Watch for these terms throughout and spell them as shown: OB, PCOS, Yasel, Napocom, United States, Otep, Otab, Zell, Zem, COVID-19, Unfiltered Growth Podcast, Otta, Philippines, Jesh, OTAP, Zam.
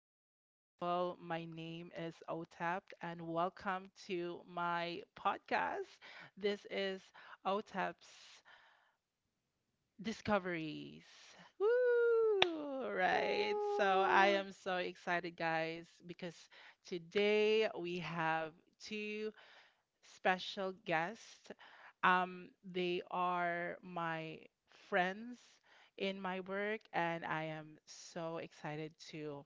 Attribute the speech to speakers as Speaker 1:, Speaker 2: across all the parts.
Speaker 1: beautiful people. My name is OTAP, and welcome to my podcast. This is OTAP's Discoveries. Woo! Right. So I
Speaker 2: Ooh,
Speaker 1: am so excited, guys, because today we have two special guests. They are my friends in my work, and I am so excited to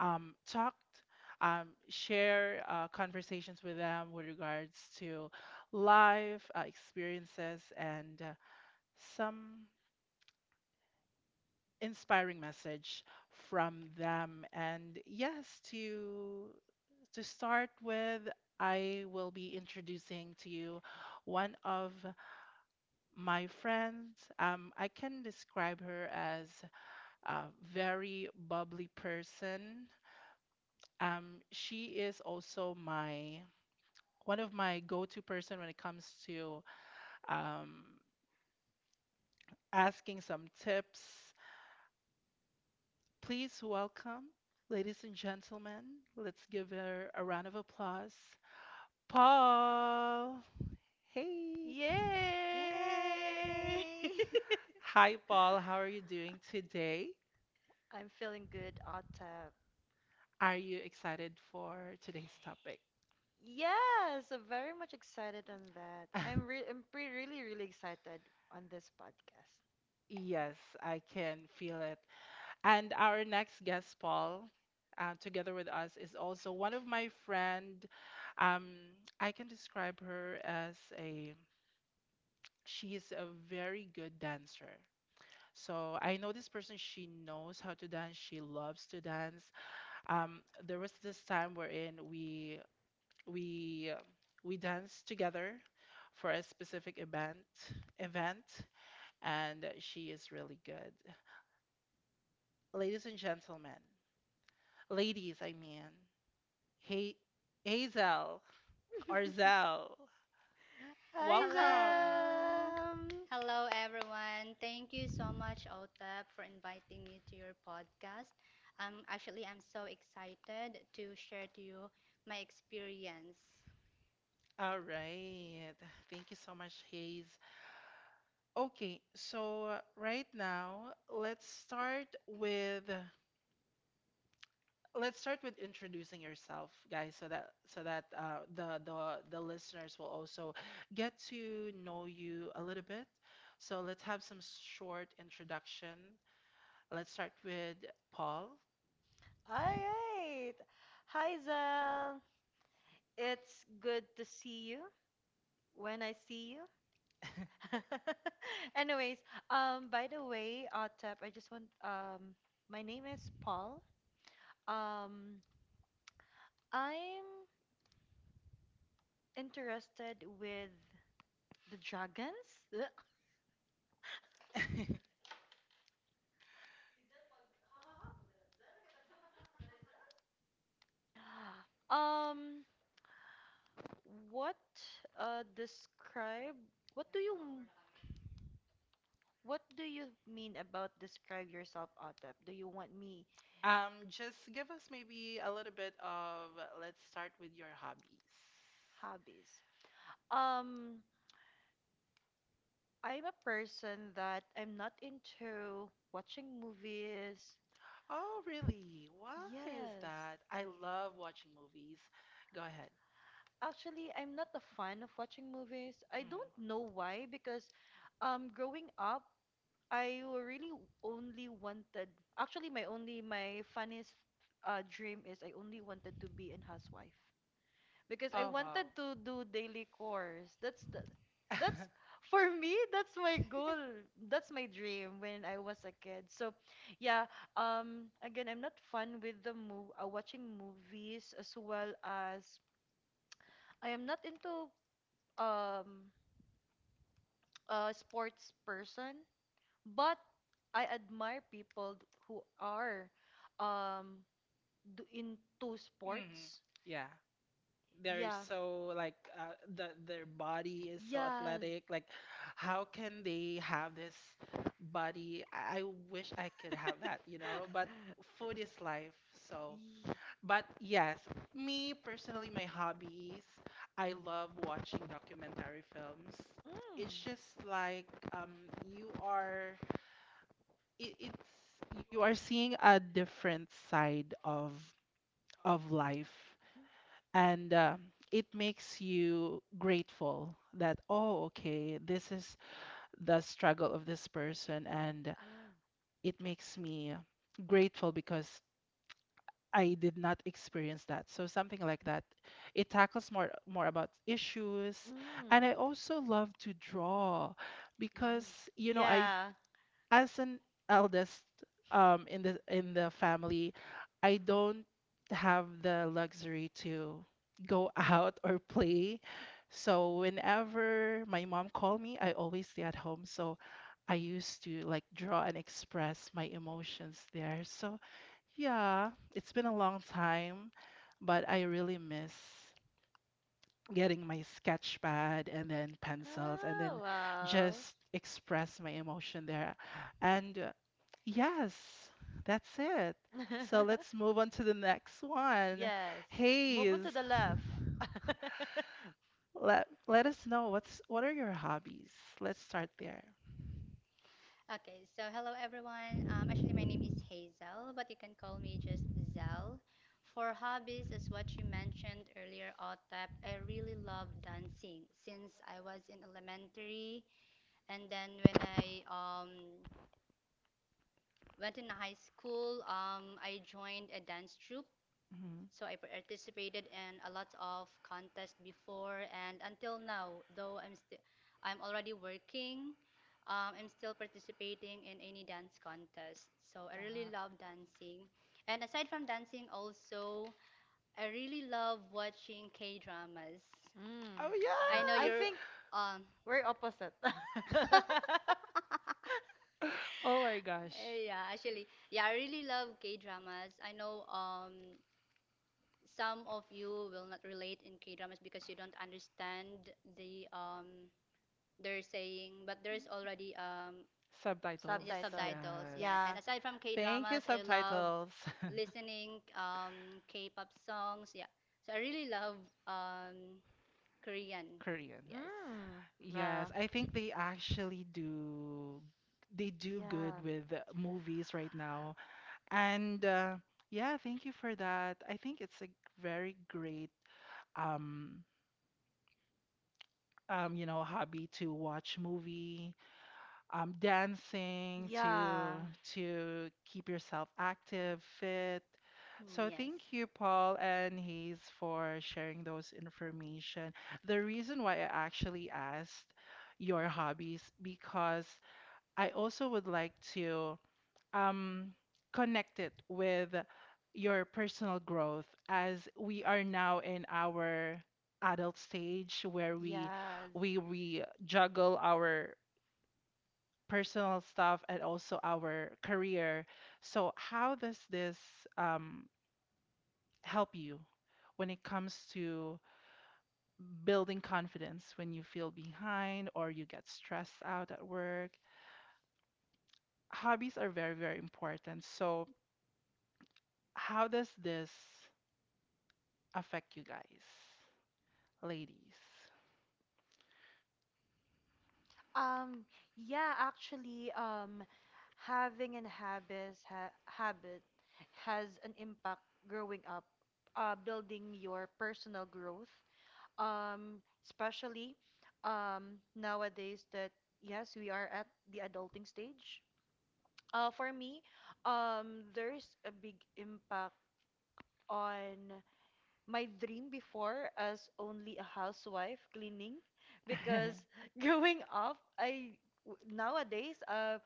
Speaker 1: talk, share conversations with them with regards to life experiences and some inspiring message from them. And yes, to start with, I will be introducing to you one of my friends. I can describe her as a very bubbly person. She is also my one of my go-to person when it comes to um, asking some tips. Please welcome, ladies and gentlemen. Let's give her a round of applause. Paul. Hey.
Speaker 2: yay!
Speaker 3: Yay!
Speaker 1: Hi, Paul. How are you doing today?
Speaker 2: I'm feeling good, Otta.
Speaker 1: Are you excited for today's topic?
Speaker 2: Yeah, so very much excited on that. I'm pre really excited on this podcast.
Speaker 1: Yes, I can feel it. And our next guest, Paul, together with us, is also one of my friend. Um, I can describe her as a she is a very good dancer. So I know this person. She knows how to dance. She loves to dance. Um, there was this time wherein we uh, we danced together for a specific event, and she is really good. Ladies and gentlemen. Ladies, I mean. Hey, Hazel Arzel,
Speaker 2: Hi,
Speaker 1: welcome.
Speaker 3: Hello.
Speaker 2: Zam.
Speaker 3: Hello, everyone. Thank you so much, Otab, for inviting me to your podcast. Actually, I'm so excited to share to you my experience.
Speaker 1: All right. Thank you so much, Hayes. Okay, so right now, let's start with introducing yourself, guys, so that the listeners will also get to know you a little bit. So let's have some short introduction. Let's start with Paul.
Speaker 2: All right. Hi, Zam. It's good to see you when I see you. Anyways, by the way, Otta, I just want my name is Paul. Um, I'm interested with the dragons. Ugh. Um, what uh describe what do you m- what do you mean about describe yourself, Otep? Do you want me
Speaker 1: Just give us maybe a little bit of. Let's start with your hobbies.
Speaker 2: hobbies? Um, I'm a person that I'm not into watching movies.
Speaker 1: Oh, really? Why is
Speaker 2: Yes.
Speaker 1: that? I love watching movies. Go ahead.
Speaker 2: Actually, I'm not a fan of watching movies. I
Speaker 1: Mm.
Speaker 2: don't know why because growing up I really only wanted, actually, my funniest dream is I only wanted to be a housewife because I
Speaker 1: Oh, wow.
Speaker 2: wanted to do daily chores. That's for me, that's my goal. That's my dream when I was a kid. So, yeah, again, I'm not fun with watching movies as well as I am not into um a sports person. But I admire people who are um do into
Speaker 1: Mhm.
Speaker 2: sports.
Speaker 1: Yeah. They're
Speaker 2: Yeah.
Speaker 1: so like their body is so
Speaker 2: Yes.
Speaker 1: athletic. Like, how can they have this body? I wish I could have that, you know. But food is life, so.
Speaker 2: Ye-
Speaker 1: But yes, me personally, my hobbies, I love watching documentary films. It's
Speaker 2: Mm.
Speaker 1: just like you are it, it's you are seeing a different side of life, and it makes you grateful that, oh, okay, this is the struggle of this person, and
Speaker 2: Ah.
Speaker 1: it makes me grateful because I did not experience that, so something like that, it tackles more about issues.
Speaker 2: Mm.
Speaker 1: And I also love to draw
Speaker 3: Mm.
Speaker 1: because I,
Speaker 2: Yeah.
Speaker 1: as an eldest in the family, I don't have the luxury to go out or play. So whenever my mom called me, I always stay at home. So I used to like draw and express my emotions there. So yeah, it's been a long time, but I really miss getting my sketch pad and then pencils and then
Speaker 2: Oh, wow.
Speaker 1: just express my emotion there. And yes, that's it. So let's move on to the next one.
Speaker 2: Yes. Move on to
Speaker 1: Hayes,
Speaker 2: Hey, the left. Oh,
Speaker 1: let us know what are your hobbies? Let's start there.
Speaker 3: Okay, so hello everyone. Actually, my name is Hazel, but you can call me just Zel. For hobbies, as what you mentioned earlier, I really love dancing. Since I was in elementary. And then when I went in high school, I joined a dance troupe.
Speaker 1: Mhm.
Speaker 3: So I participated in a lot of contests before and until now, though I'm already working, I'm still participating in any dance contest. So I really
Speaker 2: Ta-
Speaker 3: love dancing. And aside from dancing also, I really love watching K-dramas.
Speaker 2: really? Mm. Oh
Speaker 1: Oh
Speaker 3: I
Speaker 2: yeah,
Speaker 3: know
Speaker 2: I yes
Speaker 1: yes.
Speaker 3: you're
Speaker 2: think
Speaker 3: um
Speaker 2: we're opposite.
Speaker 1: Oh my gosh.
Speaker 3: eh, yeah, actually, yeah, I really love K-dramas. I know some of you will not relate in K-dramas because you don't understand the they're saying, but there's already
Speaker 1: Subtitles.
Speaker 3: just
Speaker 2: Subtitle.
Speaker 3: subtitles,
Speaker 1: Yes.
Speaker 3: yeah. And
Speaker 2: Yeah.
Speaker 3: aside from
Speaker 1: Thank you,
Speaker 3: K-dramas, I love
Speaker 1: subtitles.
Speaker 3: listening K-pop songs, yeah. So I really love um Korean.
Speaker 1: Korean.
Speaker 3: Yes.
Speaker 2: Mm.
Speaker 1: Yes, I think they actually do, they
Speaker 2: Yes,
Speaker 1: do good
Speaker 2: yeah.
Speaker 1: with movies right now. And yeah, thank you for that. I think it's a very great um, hobby to watch movie, dancing to
Speaker 2: Yeah, yeah.
Speaker 1: keep yourself active, fit.
Speaker 3: Mm,
Speaker 1: So
Speaker 3: yes.
Speaker 1: thank you, Paul and Hayes, for sharing those information. The reason why I actually asked your hobbies because I also would like to um, connect it with your personal growth as we are now in our adult stage where we
Speaker 2: Yes.
Speaker 1: we we juggle our personal stuff and also our career. So how does this um, help you when it comes to building confidence when you feel behind or you get stressed out at work? Hobbies are very, very important. So how does this affect you guys, ladies?
Speaker 2: Um, yeah, actually, having an habit ha habit has an impact growing up, building your personal growth. Especially nowadays that yes, we are at the adulting stage. For me, there's a big impact on my dream before as only a housewife cleaning because growing up nowadays,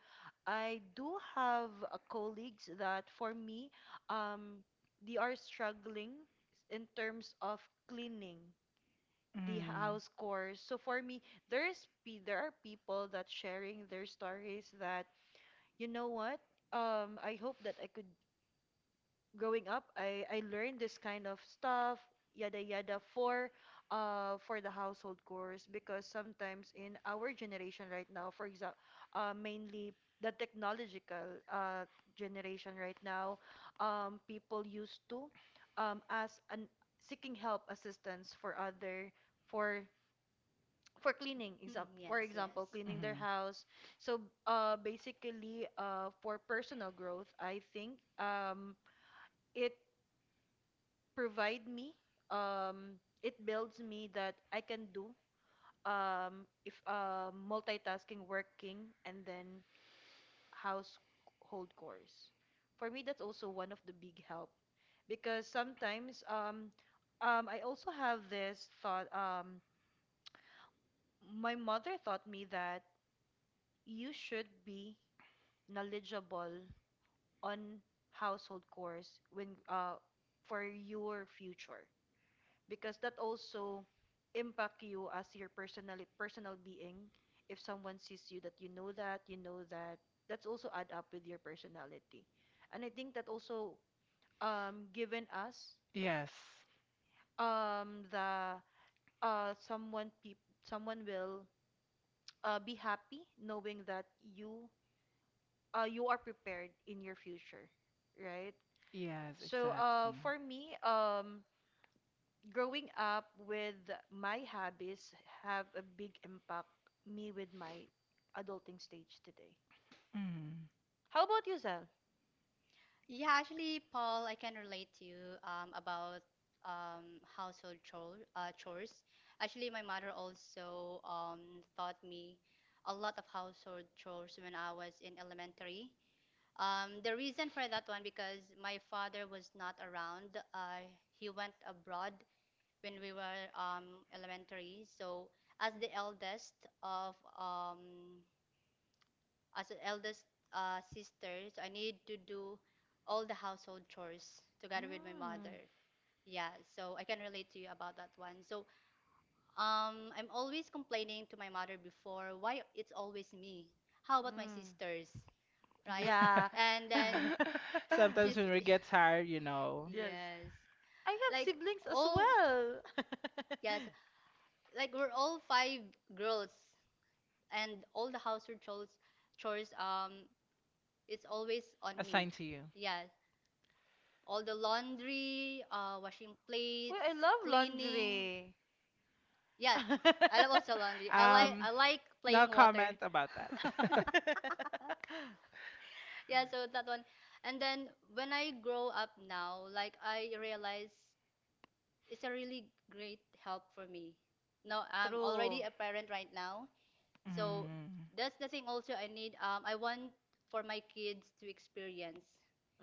Speaker 2: I do have colleagues that for me um they are struggling in terms of cleaning the
Speaker 1: Mm,
Speaker 2: house chores. So for me there are people that sharing their stories that you know what, I hope that I could growing up, I learned this kind of stuff, yada yada for the household chores because sometimes in our generation right now, for example, mainly the technological generation right now, people used to as an seeking help assistance for other for cleaning
Speaker 3: Mm,
Speaker 2: exam for
Speaker 3: yes, yes.
Speaker 2: example cleaning their
Speaker 1: hmm.
Speaker 2: house. So basically, for personal growth, I think it provide me, um it builds me that I can do, if multitasking working and then household chores, for me that's also one of the big help because sometimes I also have this thought, my mother taught me that you should be knowledgeable on household chores when, for your future, because that also impact you as your personal being. If someone sees you that you know that, that's also add up with your personality, and I think that also, given us,
Speaker 1: Yes,
Speaker 2: the uh someone peop someone will, be happy knowing that you are prepared in your future, right?
Speaker 1: yes,
Speaker 2: So
Speaker 1: exactly.
Speaker 2: for me, growing up with my habits have a big impact me with my adulting stage today.
Speaker 1: Mm.
Speaker 2: How about you, Zell?
Speaker 3: Yeah, actually, Paul, I can relate to you about household chores. Actually, my mother also taught me a lot of household chores when I was in elementary. The reason for that one because my father was not around. He went abroad when we were elementary. So, as the eldest of um, as an eldest sister, so I need to do all the household chores together with my mother.
Speaker 2: Mm.
Speaker 3: Yeah, so I can relate to you about that one. So I'm always complaining to my mother before why it's always me. How about my
Speaker 2: Mm.
Speaker 3: sisters, right?
Speaker 2: Yeah.
Speaker 3: And then
Speaker 1: Sometimes
Speaker 3: she's
Speaker 1: when we get tired, you know,
Speaker 2: Yes.
Speaker 3: yes,
Speaker 2: I have
Speaker 3: like
Speaker 2: siblings as
Speaker 3: all
Speaker 2: well.
Speaker 3: yes, like we're all five girls, and all the household chores, it's always on me.
Speaker 1: assigned to you.
Speaker 3: Yes, all the laundry, washing plates,
Speaker 2: Well, I love
Speaker 3: cleaning.
Speaker 2: laundry.
Speaker 3: Yes, I love also laundry.
Speaker 1: Um,
Speaker 3: I like
Speaker 1: no
Speaker 3: playing water.
Speaker 1: comment about that.
Speaker 3: Yeah, so that one. And then when I grow up now, like I realize it's a really great help for me. Now I'm already
Speaker 2: True.
Speaker 3: a parent right now, so
Speaker 1: Mm,
Speaker 3: that's the thing also I need. I want for my kids to experience.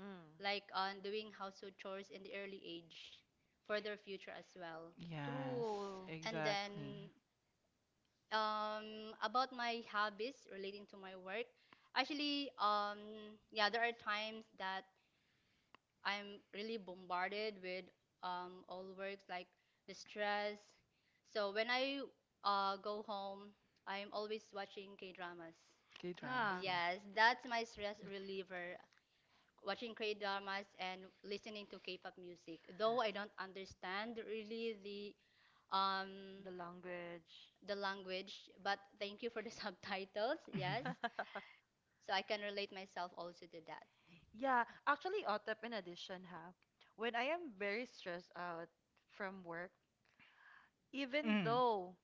Speaker 2: Mm.
Speaker 3: Like on doing household chores in the early age for their future as well.
Speaker 1: yes,
Speaker 2: True.
Speaker 3: And
Speaker 1: exactly.
Speaker 3: then about my hobbies relating to my work, actually, yeah, there are times that I'm really bombarded with all works like the stress. So when I go home, I'm always watching K dramas.
Speaker 1: K dramas,
Speaker 2: Ah,
Speaker 1: yeah.
Speaker 3: Yes, that's my stress reliever. Watching K dramas and listening to K-pop music. Though I don't understand really um
Speaker 2: the language.
Speaker 3: the language, but thank you for the subtitles. Yes, so I can relate myself also to that.
Speaker 2: Yeah, actually, Otep, in addition, when I am very stressed out from work, even
Speaker 1: Mm,
Speaker 2: though,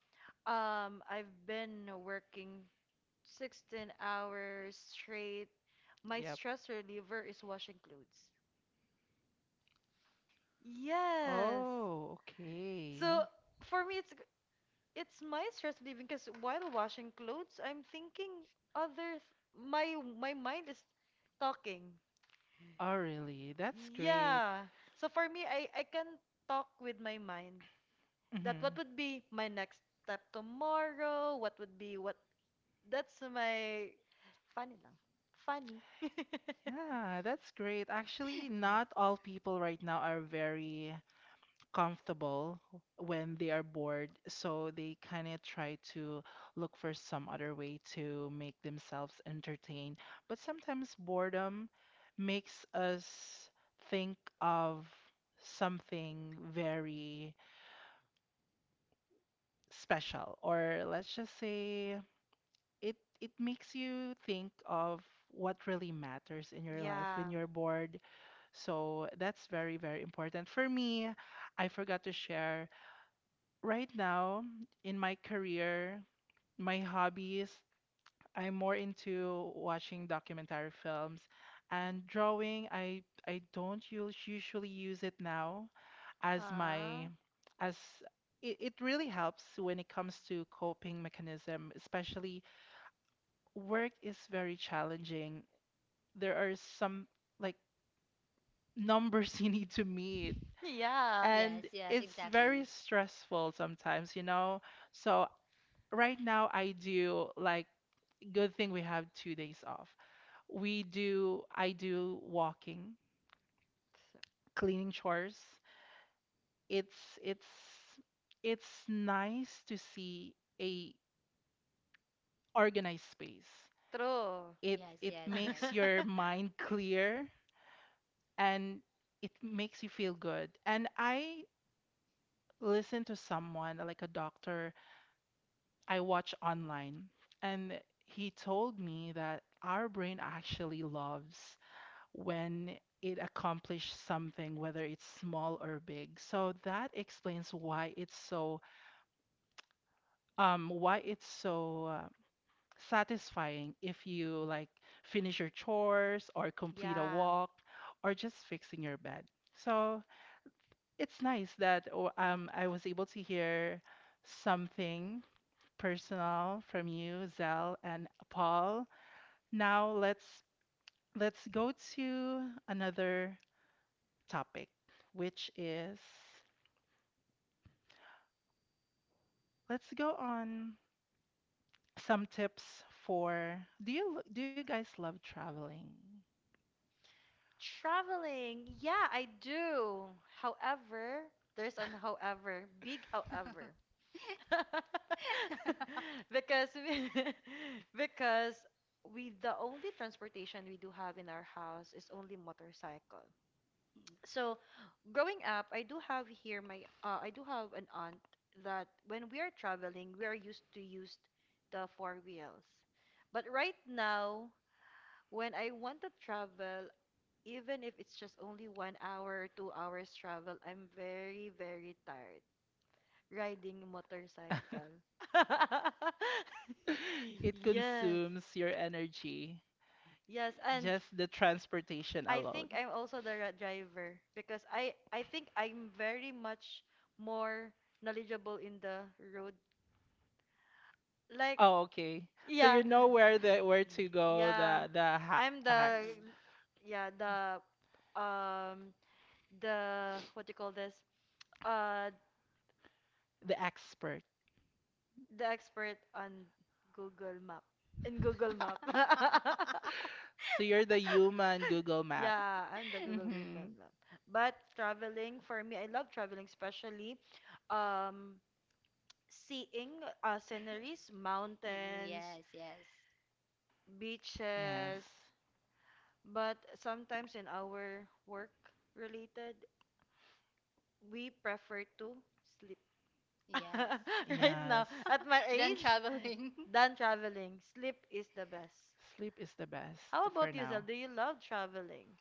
Speaker 2: I've been working 16 hours straight, my
Speaker 1: yep.
Speaker 2: stress reliever is washing clothes. Yes.
Speaker 1: Oh, okay.
Speaker 2: So for me, it's my stress relieving because while washing clothes, I'm thinking other th my mind is talking.
Speaker 1: Oh, really? That's great.
Speaker 2: Yeah. So for me, I can talk with my mind that what
Speaker 1: Mm-hmm.
Speaker 2: would be my next step tomorrow, what would be what, that's my funny lang. Funny.
Speaker 1: Yeah, that's great. Actually, not all people right now are very comfortable when they are bored, so they kind of try to look for some other way to make themselves entertained. But sometimes boredom makes us think of something very special, or let's just say it makes you think of what really matters in your life when
Speaker 2: Yeah.
Speaker 1: you're bored. So that's very, very important. For me, I forgot to share. Right now, in my career, my hobbies, I'm more into watching documentary films and drawing. I don't usually use it now as
Speaker 2: Ah.
Speaker 1: my, as it really helps when it comes to coping mechanism, especially work is very challenging. There are some like numbers you need to meet.
Speaker 2: Yeah.
Speaker 3: Yeah. Yes,
Speaker 1: And
Speaker 3: yes,
Speaker 1: it's very
Speaker 3: exactly.
Speaker 1: stressful sometimes, you know. So right now I do like, good thing we have 2 days off. We do I do walking, cleaning chores. It's it's it's nice to see a organized space.
Speaker 2: True.
Speaker 1: It
Speaker 3: Yes, yes,
Speaker 1: makes your mind clear and it makes you feel good. And I listen to someone like a doctor I watch online. And he told me that our brain actually loves when it accomplishes something, whether it's small or big. So that explains why it's so satisfying if you like finish your chores or complete a
Speaker 2: Yeah.
Speaker 1: walk or just fixing your bed. So it's nice that, oh, I was able to hear something personal from you, Zell and Paul. Now let's go to another topic, which is, let's go on some tips for, do you guys love traveling?
Speaker 2: Traveling, yeah, I do. However, there's an however, big however.
Speaker 3: yes.
Speaker 2: Because we, because we the only transportation we do have in our house is only motorcycle. So, growing up, I do have an aunt that when we are traveling, we are used to use the four wheels. But right now, when I want to travel, even if it's just only 1 hour, 2 hours travel, I'm very, very tired riding motorcycle.
Speaker 1: It
Speaker 2: Yes.
Speaker 1: consumes your energy,
Speaker 2: Yes, and
Speaker 1: just the transportation
Speaker 2: I
Speaker 1: alone.
Speaker 2: think I'm also the driver because I think I'm very much more knowledgeable in the road. Like,
Speaker 1: Oh, okay. So
Speaker 2: yeah.
Speaker 1: you know where to go,
Speaker 2: Yeah.
Speaker 1: the ha
Speaker 2: I'm
Speaker 1: hacks,
Speaker 2: the, yeah, the um the, what do you call this? Uh
Speaker 1: the expert.
Speaker 2: the expert on Google Map. In
Speaker 3: Mm-mm.
Speaker 2: Google Map.
Speaker 1: So you're the human Google Map.
Speaker 2: Yeah, I'm the Google
Speaker 1: Mm-hmm.
Speaker 2: human map. But traveling, for me, I love traveling, especially um seeing, sceneries,
Speaker 3: Mm-mm,
Speaker 2: mountains,
Speaker 3: yes, yes,
Speaker 2: beaches.
Speaker 1: Yes.
Speaker 2: But sometimes in our work related, we prefer to sleep.
Speaker 3: yes.
Speaker 2: Right now,
Speaker 1: Yes.
Speaker 2: at my
Speaker 3: Then
Speaker 2: age,
Speaker 3: traveling.
Speaker 2: than traveling, sleep is the best.
Speaker 1: Sleep is the best
Speaker 2: How
Speaker 1: for
Speaker 2: about you, Zel?
Speaker 1: now.
Speaker 2: Do you love traveling?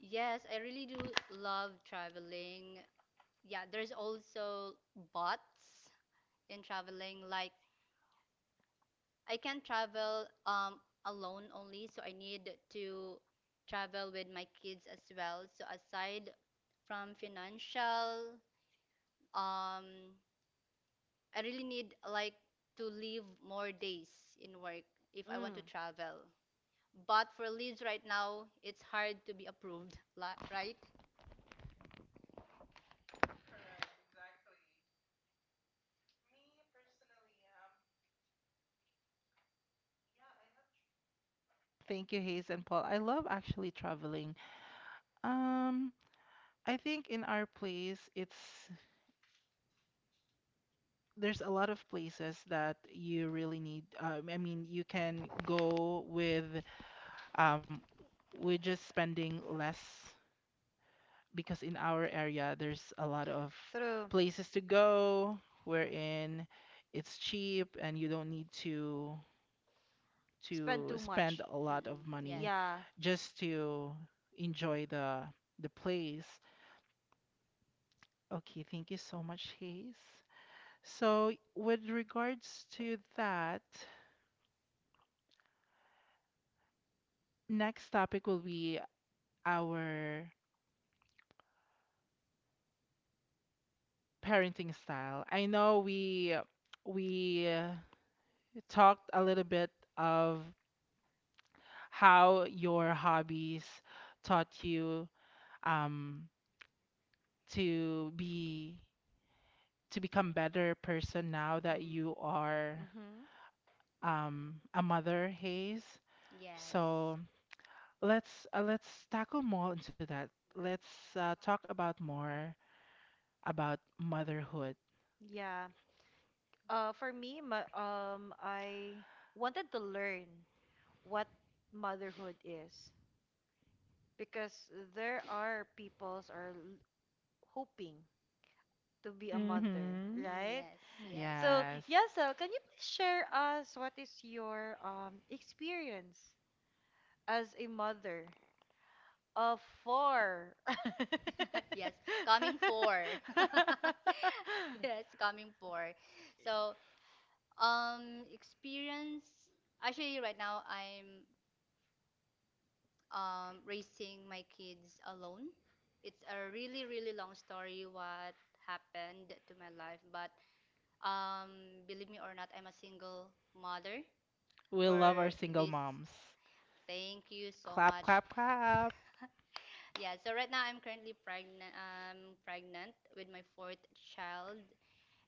Speaker 3: Yes, I really do love traveling. Yeah, there's also bots in traveling, like I can travel alone only, so I need to travel with my kids as well. So aside from financial, um, I really need like to leave more days in work if I want to
Speaker 2: Mm,
Speaker 3: travel. But for leaves right now, it's hard to be approved, li- right?
Speaker 1: Thank you, Hayes and Paul. I love actually traveling. Um, I think in our place, it's there's a lot of places that you really need. I mean, you can go um, with just spending less because in our area there's a lot of
Speaker 2: true.
Speaker 1: places to go wherein it's cheap and you don't need to
Speaker 2: Spend too
Speaker 1: spend
Speaker 2: much.
Speaker 1: a lot of
Speaker 3: Mm-mm, yes.
Speaker 1: money
Speaker 2: Yeah.
Speaker 1: just to enjoy the place. Okay, thank you so much, Hayes. So, with regards to that, next topic will be our parenting style. I know we talked a little bit of how your hobbies taught you um, to be to become better person now that
Speaker 3: Mm-mm.
Speaker 1: you are
Speaker 2: Mm-hmm.
Speaker 1: a mother, Hayes.
Speaker 3: Yes.
Speaker 1: So, let's tackle more into that. Let's talk about more about motherhood.
Speaker 2: Yeah. For me, I wanted to learn what motherhood is because there are peoples are hoping to be a mother,
Speaker 1: Mm-hmm.
Speaker 3: Mm,
Speaker 2: right?
Speaker 3: yes, yes.
Speaker 2: So,
Speaker 1: Yes.
Speaker 2: Yasel, can you please share us what is your, experience as a mother? Of four.
Speaker 3: Yes, coming for. Yes, coming for. So, experience. Actually, right now I'm raising my kids alone. It's a really, really long story what happened to my life, but believe me or not, I'm a single mother.
Speaker 1: We
Speaker 3: For
Speaker 1: love our single
Speaker 3: this.
Speaker 1: moms.
Speaker 3: Thank you so
Speaker 1: Clap,
Speaker 3: much.
Speaker 1: clap, clap.
Speaker 3: Yeah, so right now I'm currently pregnant with my fourth child,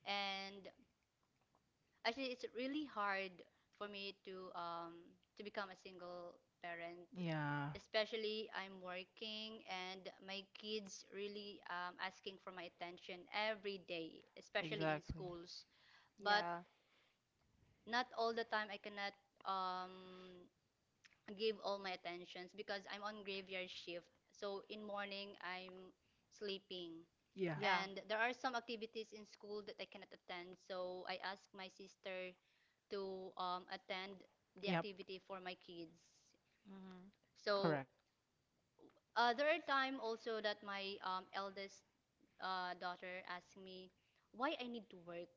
Speaker 3: and actually it's really hard for me to become a single parent.
Speaker 1: Yeah,
Speaker 3: Especially I'm working and my kids really asking for my attention every day, especially in
Speaker 1: exactly.
Speaker 3: schools. But
Speaker 2: Yeah,
Speaker 3: not all the time I cannot um give all my attentions because I'm on graveyard shift. So in morning I'm sleeping.
Speaker 1: Yeah.
Speaker 2: yeah.
Speaker 3: And there are some activities in school that I cannot attend, so I ask my sister to attend the
Speaker 1: Yep.
Speaker 3: activity for my kids.
Speaker 2: Mm-hmm.
Speaker 3: So
Speaker 1: Correct.
Speaker 3: there are time also that my eldest daughter asked me why I need to work,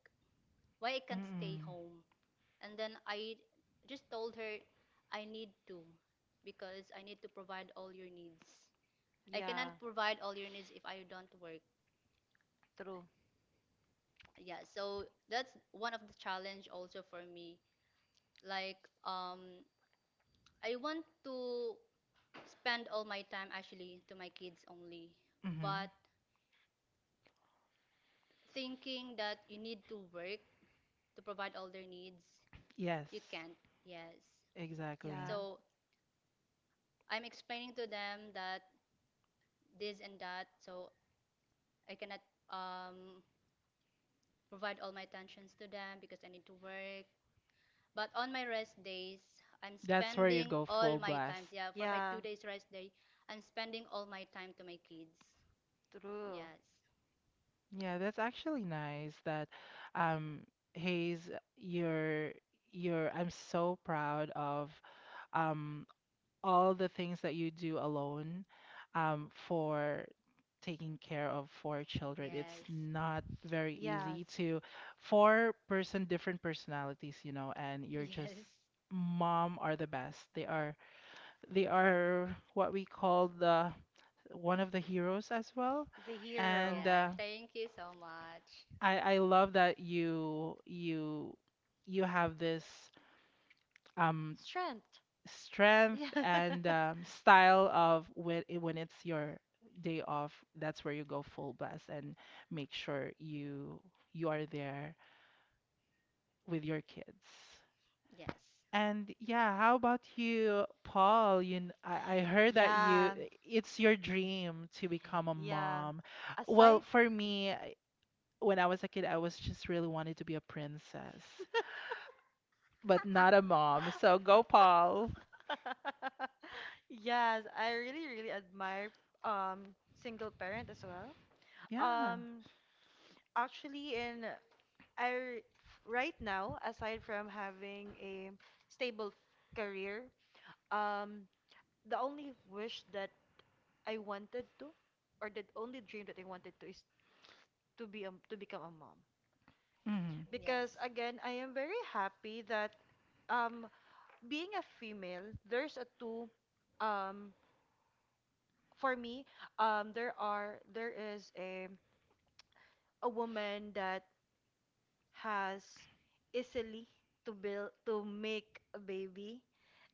Speaker 3: why I can't stay
Speaker 1: Mm-mm.
Speaker 3: home. And then I just told her I need to, because I need to provide all your needs. I cannot
Speaker 2: Yeah,
Speaker 3: provide all your needs if I don't work.
Speaker 2: true.
Speaker 3: Yeah, so that's one of the challenge also for me. Like, um, I want to spend all my time actually to my kids only, but
Speaker 1: Mm-hmm.
Speaker 3: thinking that you need to work to provide all their needs,
Speaker 1: Yes.
Speaker 3: you can't. Yes.
Speaker 1: Exactly.
Speaker 2: Yeah,
Speaker 3: So I'm explaining to them that this and that, so I cannot um provide all my attentions to them because I need to work. But on my rest days, I'm
Speaker 1: That's where you
Speaker 3: spending
Speaker 1: go
Speaker 3: all
Speaker 1: full
Speaker 3: my times.
Speaker 1: blast.
Speaker 3: Yeah, for my
Speaker 2: yeah,
Speaker 3: 2 days rest day, I'm spending all my time to my kids.
Speaker 2: true.
Speaker 3: Yes,
Speaker 1: Yeah, that's actually nice that, um Hayes, you're you're I'm so proud of um all the things that you do alone for taking care of four children. It's
Speaker 3: yes,
Speaker 1: not very
Speaker 2: Yes,
Speaker 1: easy to four person different personalities, you know, and you're just,
Speaker 3: yes,
Speaker 1: mom are the best. They are, what we call the one of the heroes as well.
Speaker 2: the
Speaker 1: And
Speaker 2: hero.
Speaker 3: yeah. Thank you so much.
Speaker 1: I love that you have this um
Speaker 2: Strength.
Speaker 1: strength
Speaker 2: Yeah.
Speaker 1: and style of when when it's your day off, that's where you go full blast and make sure you are there with your kids.
Speaker 3: Yes,
Speaker 1: And yeah, how about you, Paul? I heard that you
Speaker 2: Yeah,
Speaker 1: it's your dream to become a
Speaker 2: yeah.
Speaker 1: mom. Well,
Speaker 2: Aside,
Speaker 1: for me, when I was a kid, I was just really wanted to be a princess, but not a mom. So go, Paul.
Speaker 2: yes, I really, really admire, um single parent as well.
Speaker 1: Yeah.
Speaker 2: Um, actually, in I r- f- right now, aside from having a stable career, um, the only wish that I wanted to, or the only dream that I wanted to, is to become a mom.
Speaker 1: Mhm.
Speaker 2: Because again,
Speaker 3: yes.
Speaker 2: I am very happy that, um being a female, there's a two, um for me, there is a woman that has easily to build to make a baby,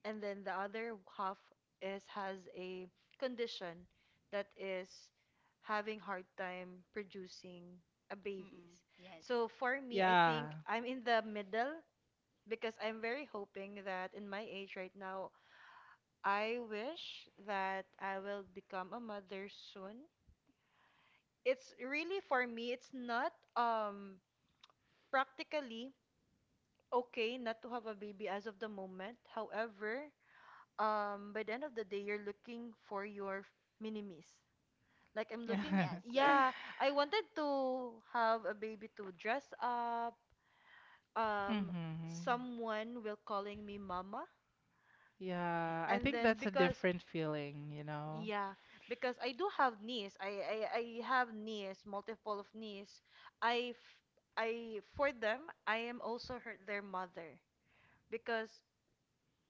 Speaker 2: and then the other half is has a condition that is having hard time producing a
Speaker 3: Mm-mm,
Speaker 2: babies.
Speaker 3: yes.
Speaker 2: So for me, I
Speaker 1: Yeah.
Speaker 2: think I'm in the middle because I'm very hoping that in my age right now I wish that I will become a mother soon. It's really for me, it's not, practically okay not to have a baby as of the moment. However, by the end of the day you're looking for your minimis. Like I'm
Speaker 3: Mm,
Speaker 2: looking,
Speaker 3: yes, yes.
Speaker 2: yeah, I
Speaker 3: Mm-mm.
Speaker 2: wanted to have a baby to dress up. Um
Speaker 1: Mm-hmm.
Speaker 2: someone will calling me mama.
Speaker 1: Yeah, I
Speaker 2: And
Speaker 1: think
Speaker 2: then,
Speaker 1: that's a
Speaker 2: because
Speaker 1: different feeling, you know?
Speaker 2: yeah, because I do have niece. I have niece, multiple of niece. I f- I, for them, I am also her their mother because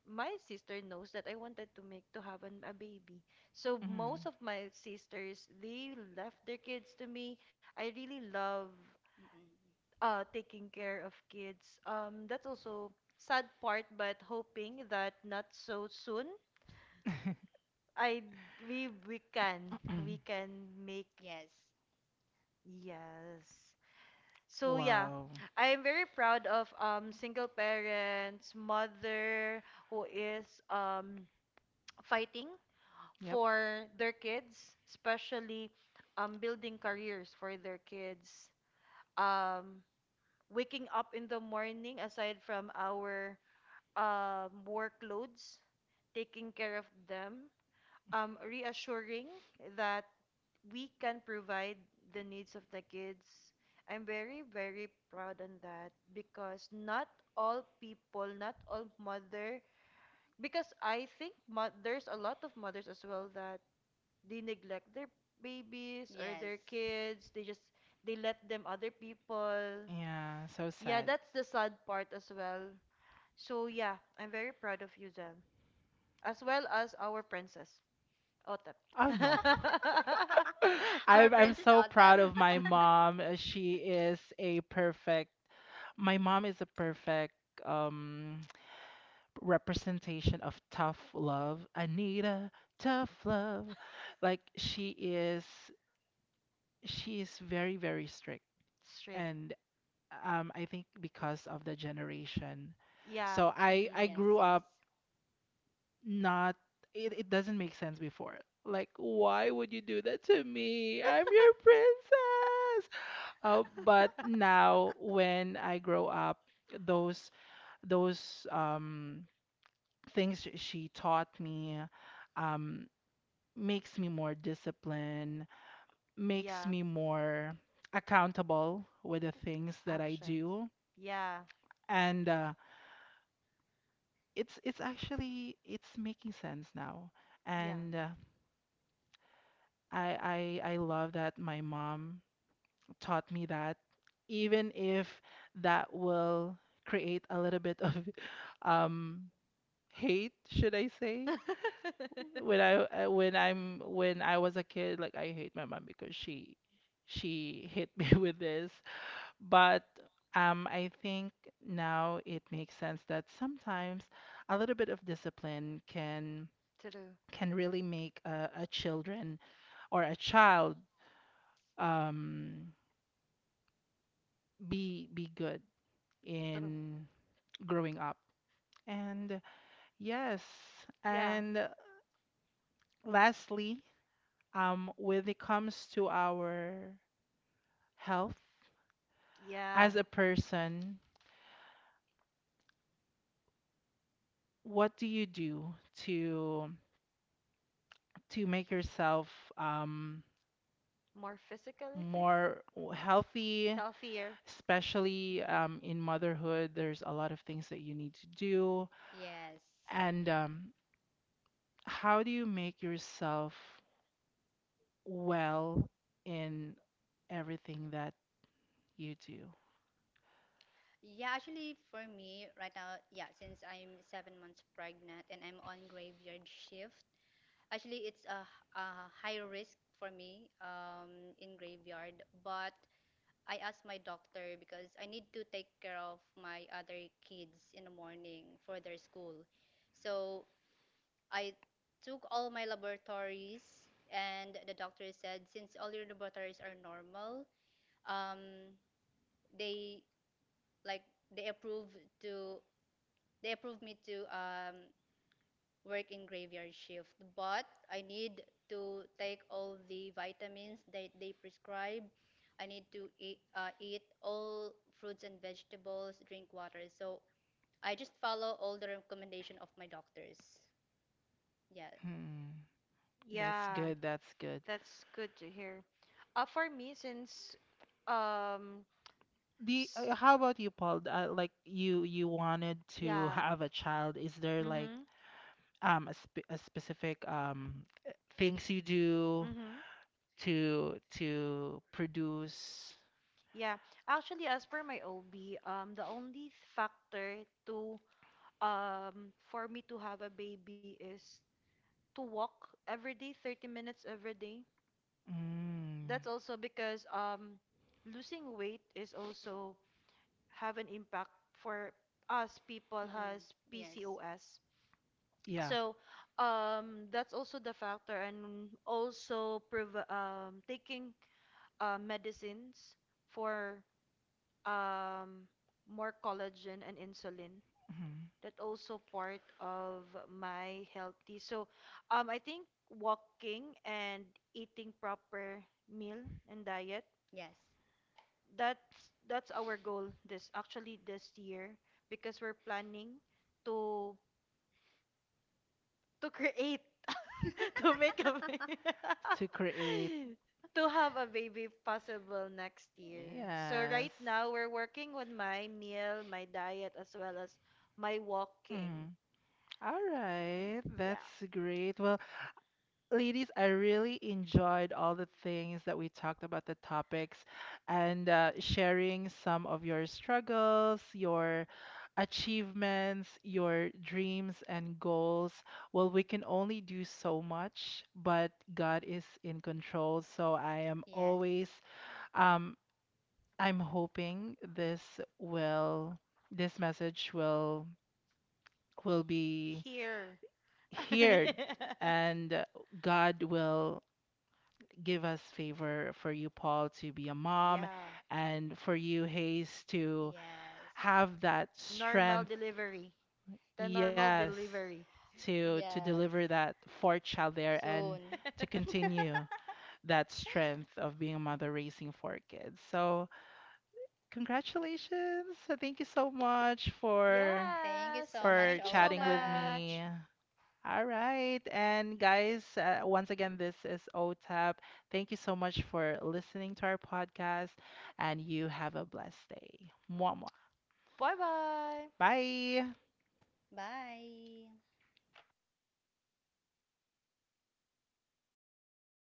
Speaker 2: my sister knows that I wanted to make to have a baby. So
Speaker 1: Mm.
Speaker 2: most of my sisters, they left their kids to me. I really love taking care of kids. That's also sad part, but hoping that not so soon. I we can make.
Speaker 3: Yes,
Speaker 2: Yes. So yeah,
Speaker 1: Wow.
Speaker 2: I am very proud of, single parents, mother who is, fighting
Speaker 1: Yep.
Speaker 2: for their kids, especially building careers for their kids. Um waking up in the morning aside from our, workloads, taking care of them, reassuring that we can provide the needs of the kids. I'm very, very proud on that because not all people, not all mother, because I think there's a lot of mothers as well that they neglect their babies or
Speaker 3: yes.
Speaker 2: their kids. They let them other people.
Speaker 1: Yeah, so
Speaker 2: Yeah,
Speaker 1: sad.
Speaker 2: that's the sad part as well. So yeah, I'm very proud of you, Zem, as well as our princess. OTEP.
Speaker 1: Oh no.
Speaker 3: Our
Speaker 1: I'm
Speaker 3: princess
Speaker 1: so
Speaker 3: Otep.
Speaker 1: proud of my mom. She is a perfect My mom is a perfect um representation of tough love. Anita, tough love. Like, she is very, very strict.
Speaker 2: Strict.
Speaker 1: And, I think because of the generation.
Speaker 2: Yeah.
Speaker 1: So I
Speaker 3: Mm,
Speaker 1: I
Speaker 3: yes,
Speaker 1: grew
Speaker 3: yes.
Speaker 1: up, not, it doesn't make sense before. Like, why would you do that to me? I'm your princess. But now when I grow up, those those things, she taught me, um makes me more disciplined, makes
Speaker 2: Yeah.
Speaker 1: me more accountable with the things that I
Speaker 2: Actions.
Speaker 1: do.
Speaker 2: Yeah.
Speaker 1: And it's actually it's making sense now.
Speaker 2: Yeah.
Speaker 1: And I love that my mom taught me that, even if that will create a little bit of um hate, should I say, when I was a kid, like, I hate my mom because she hit me with this. But I think now it makes sense that sometimes a little bit of discipline can
Speaker 2: True.
Speaker 1: really make a children or a child um, be good
Speaker 2: True.
Speaker 1: in growing up. And yes,
Speaker 2: Yeah.
Speaker 1: and lastly, when it comes to our health
Speaker 2: Yeah.
Speaker 1: as a person, what do you do to make yourself um,
Speaker 2: More physically fit,
Speaker 1: more healthy?
Speaker 2: healthier.
Speaker 1: Especially
Speaker 3: Mm.
Speaker 1: in motherhood, there's a lot of things that you need to do.
Speaker 3: Yes.
Speaker 1: And how do you make yourself well in everything that you do?
Speaker 3: Yeah, actually, for me right now, yeah, since I'm 7 months pregnant and I'm on graveyard shift, actually, it's a, h- a high risk for me in graveyard. But I asked my doctor because I need to take care of my other kids in the morning for their school. So I took all my laboratories, and the doctor said since all your laboratories are normal, um, they they approved to they approved me to working graveyard shift, but I need to take all the vitamins that they prescribe. I need to eat all fruits and vegetables, drink water. So I just follow all the recommendation of my doctors. Yeah.
Speaker 1: Hmm. That's
Speaker 2: Yeah,
Speaker 1: good. That's good.
Speaker 2: that's good to hear. For me, since, um,
Speaker 1: The
Speaker 2: s-
Speaker 1: how about you, Paul? Like, you wanted to
Speaker 2: yeah.
Speaker 1: have a child. Is there like
Speaker 2: Mm-hmm.
Speaker 1: a specific uh, things you do
Speaker 2: Mm-hmm.
Speaker 1: to produce?
Speaker 2: Yeah. Actually, as per my OB, the only factor to for me to have a baby is to walk every day, 30 minutes every day.
Speaker 1: Mm,
Speaker 2: That's also because, losing weight is also have an impact for us people
Speaker 3: Mm-mm.
Speaker 2: has
Speaker 3: Yes.
Speaker 2: PCOS.
Speaker 1: yeah.
Speaker 2: So, that's also the factor, and also taking, medicines for, um, more collagen and insulin.
Speaker 1: Mhm.
Speaker 2: That also part of my healthy. So, I think walking and eating proper meal and diet,
Speaker 3: Yes.
Speaker 2: that's our goal this year because we're planning to to create to make a baby
Speaker 1: To create.
Speaker 2: to have a baby possible next year. So
Speaker 1: Yes.
Speaker 2: right now we're working on my meal, my diet as well as my walking.
Speaker 1: Mm. All
Speaker 3: Mm-mm.
Speaker 1: right.
Speaker 2: Yeah.
Speaker 1: That's great. Well, ladies, I really enjoyed all the things that we talked about, the topics, and sharing some of your struggles, your achievements, your dreams and goals. Well, we can only do so much, but God is in control. So I am
Speaker 3: Yes.
Speaker 1: always, um, I'm hoping this will, this message will be
Speaker 2: Here.
Speaker 1: heard, and God will give us favor for you, Paul, to be a mom,
Speaker 2: Yeah.
Speaker 1: and for you, Hayes, to
Speaker 3: Yes.
Speaker 1: have that
Speaker 2: Normal
Speaker 1: strength,
Speaker 2: delivery. The normal,
Speaker 1: yes,
Speaker 2: delivery.
Speaker 1: to
Speaker 3: Yes.
Speaker 1: deliver that fourth child there and
Speaker 3: Soon.
Speaker 1: to continue that strength of being a mother raising four kids. So congratulations. So thank you so much
Speaker 3: Thank you
Speaker 2: Yes.
Speaker 3: so
Speaker 1: for
Speaker 3: much,
Speaker 2: Thank you so
Speaker 1: chatting with
Speaker 3: Otap.
Speaker 1: me.
Speaker 2: much.
Speaker 1: All right. And guys, once again, this is OTAP. Thank you so much for listening to our podcast, and you have a blessed day. Mwah, mwah.
Speaker 2: Bye bye.
Speaker 1: Bye.
Speaker 3: Bye.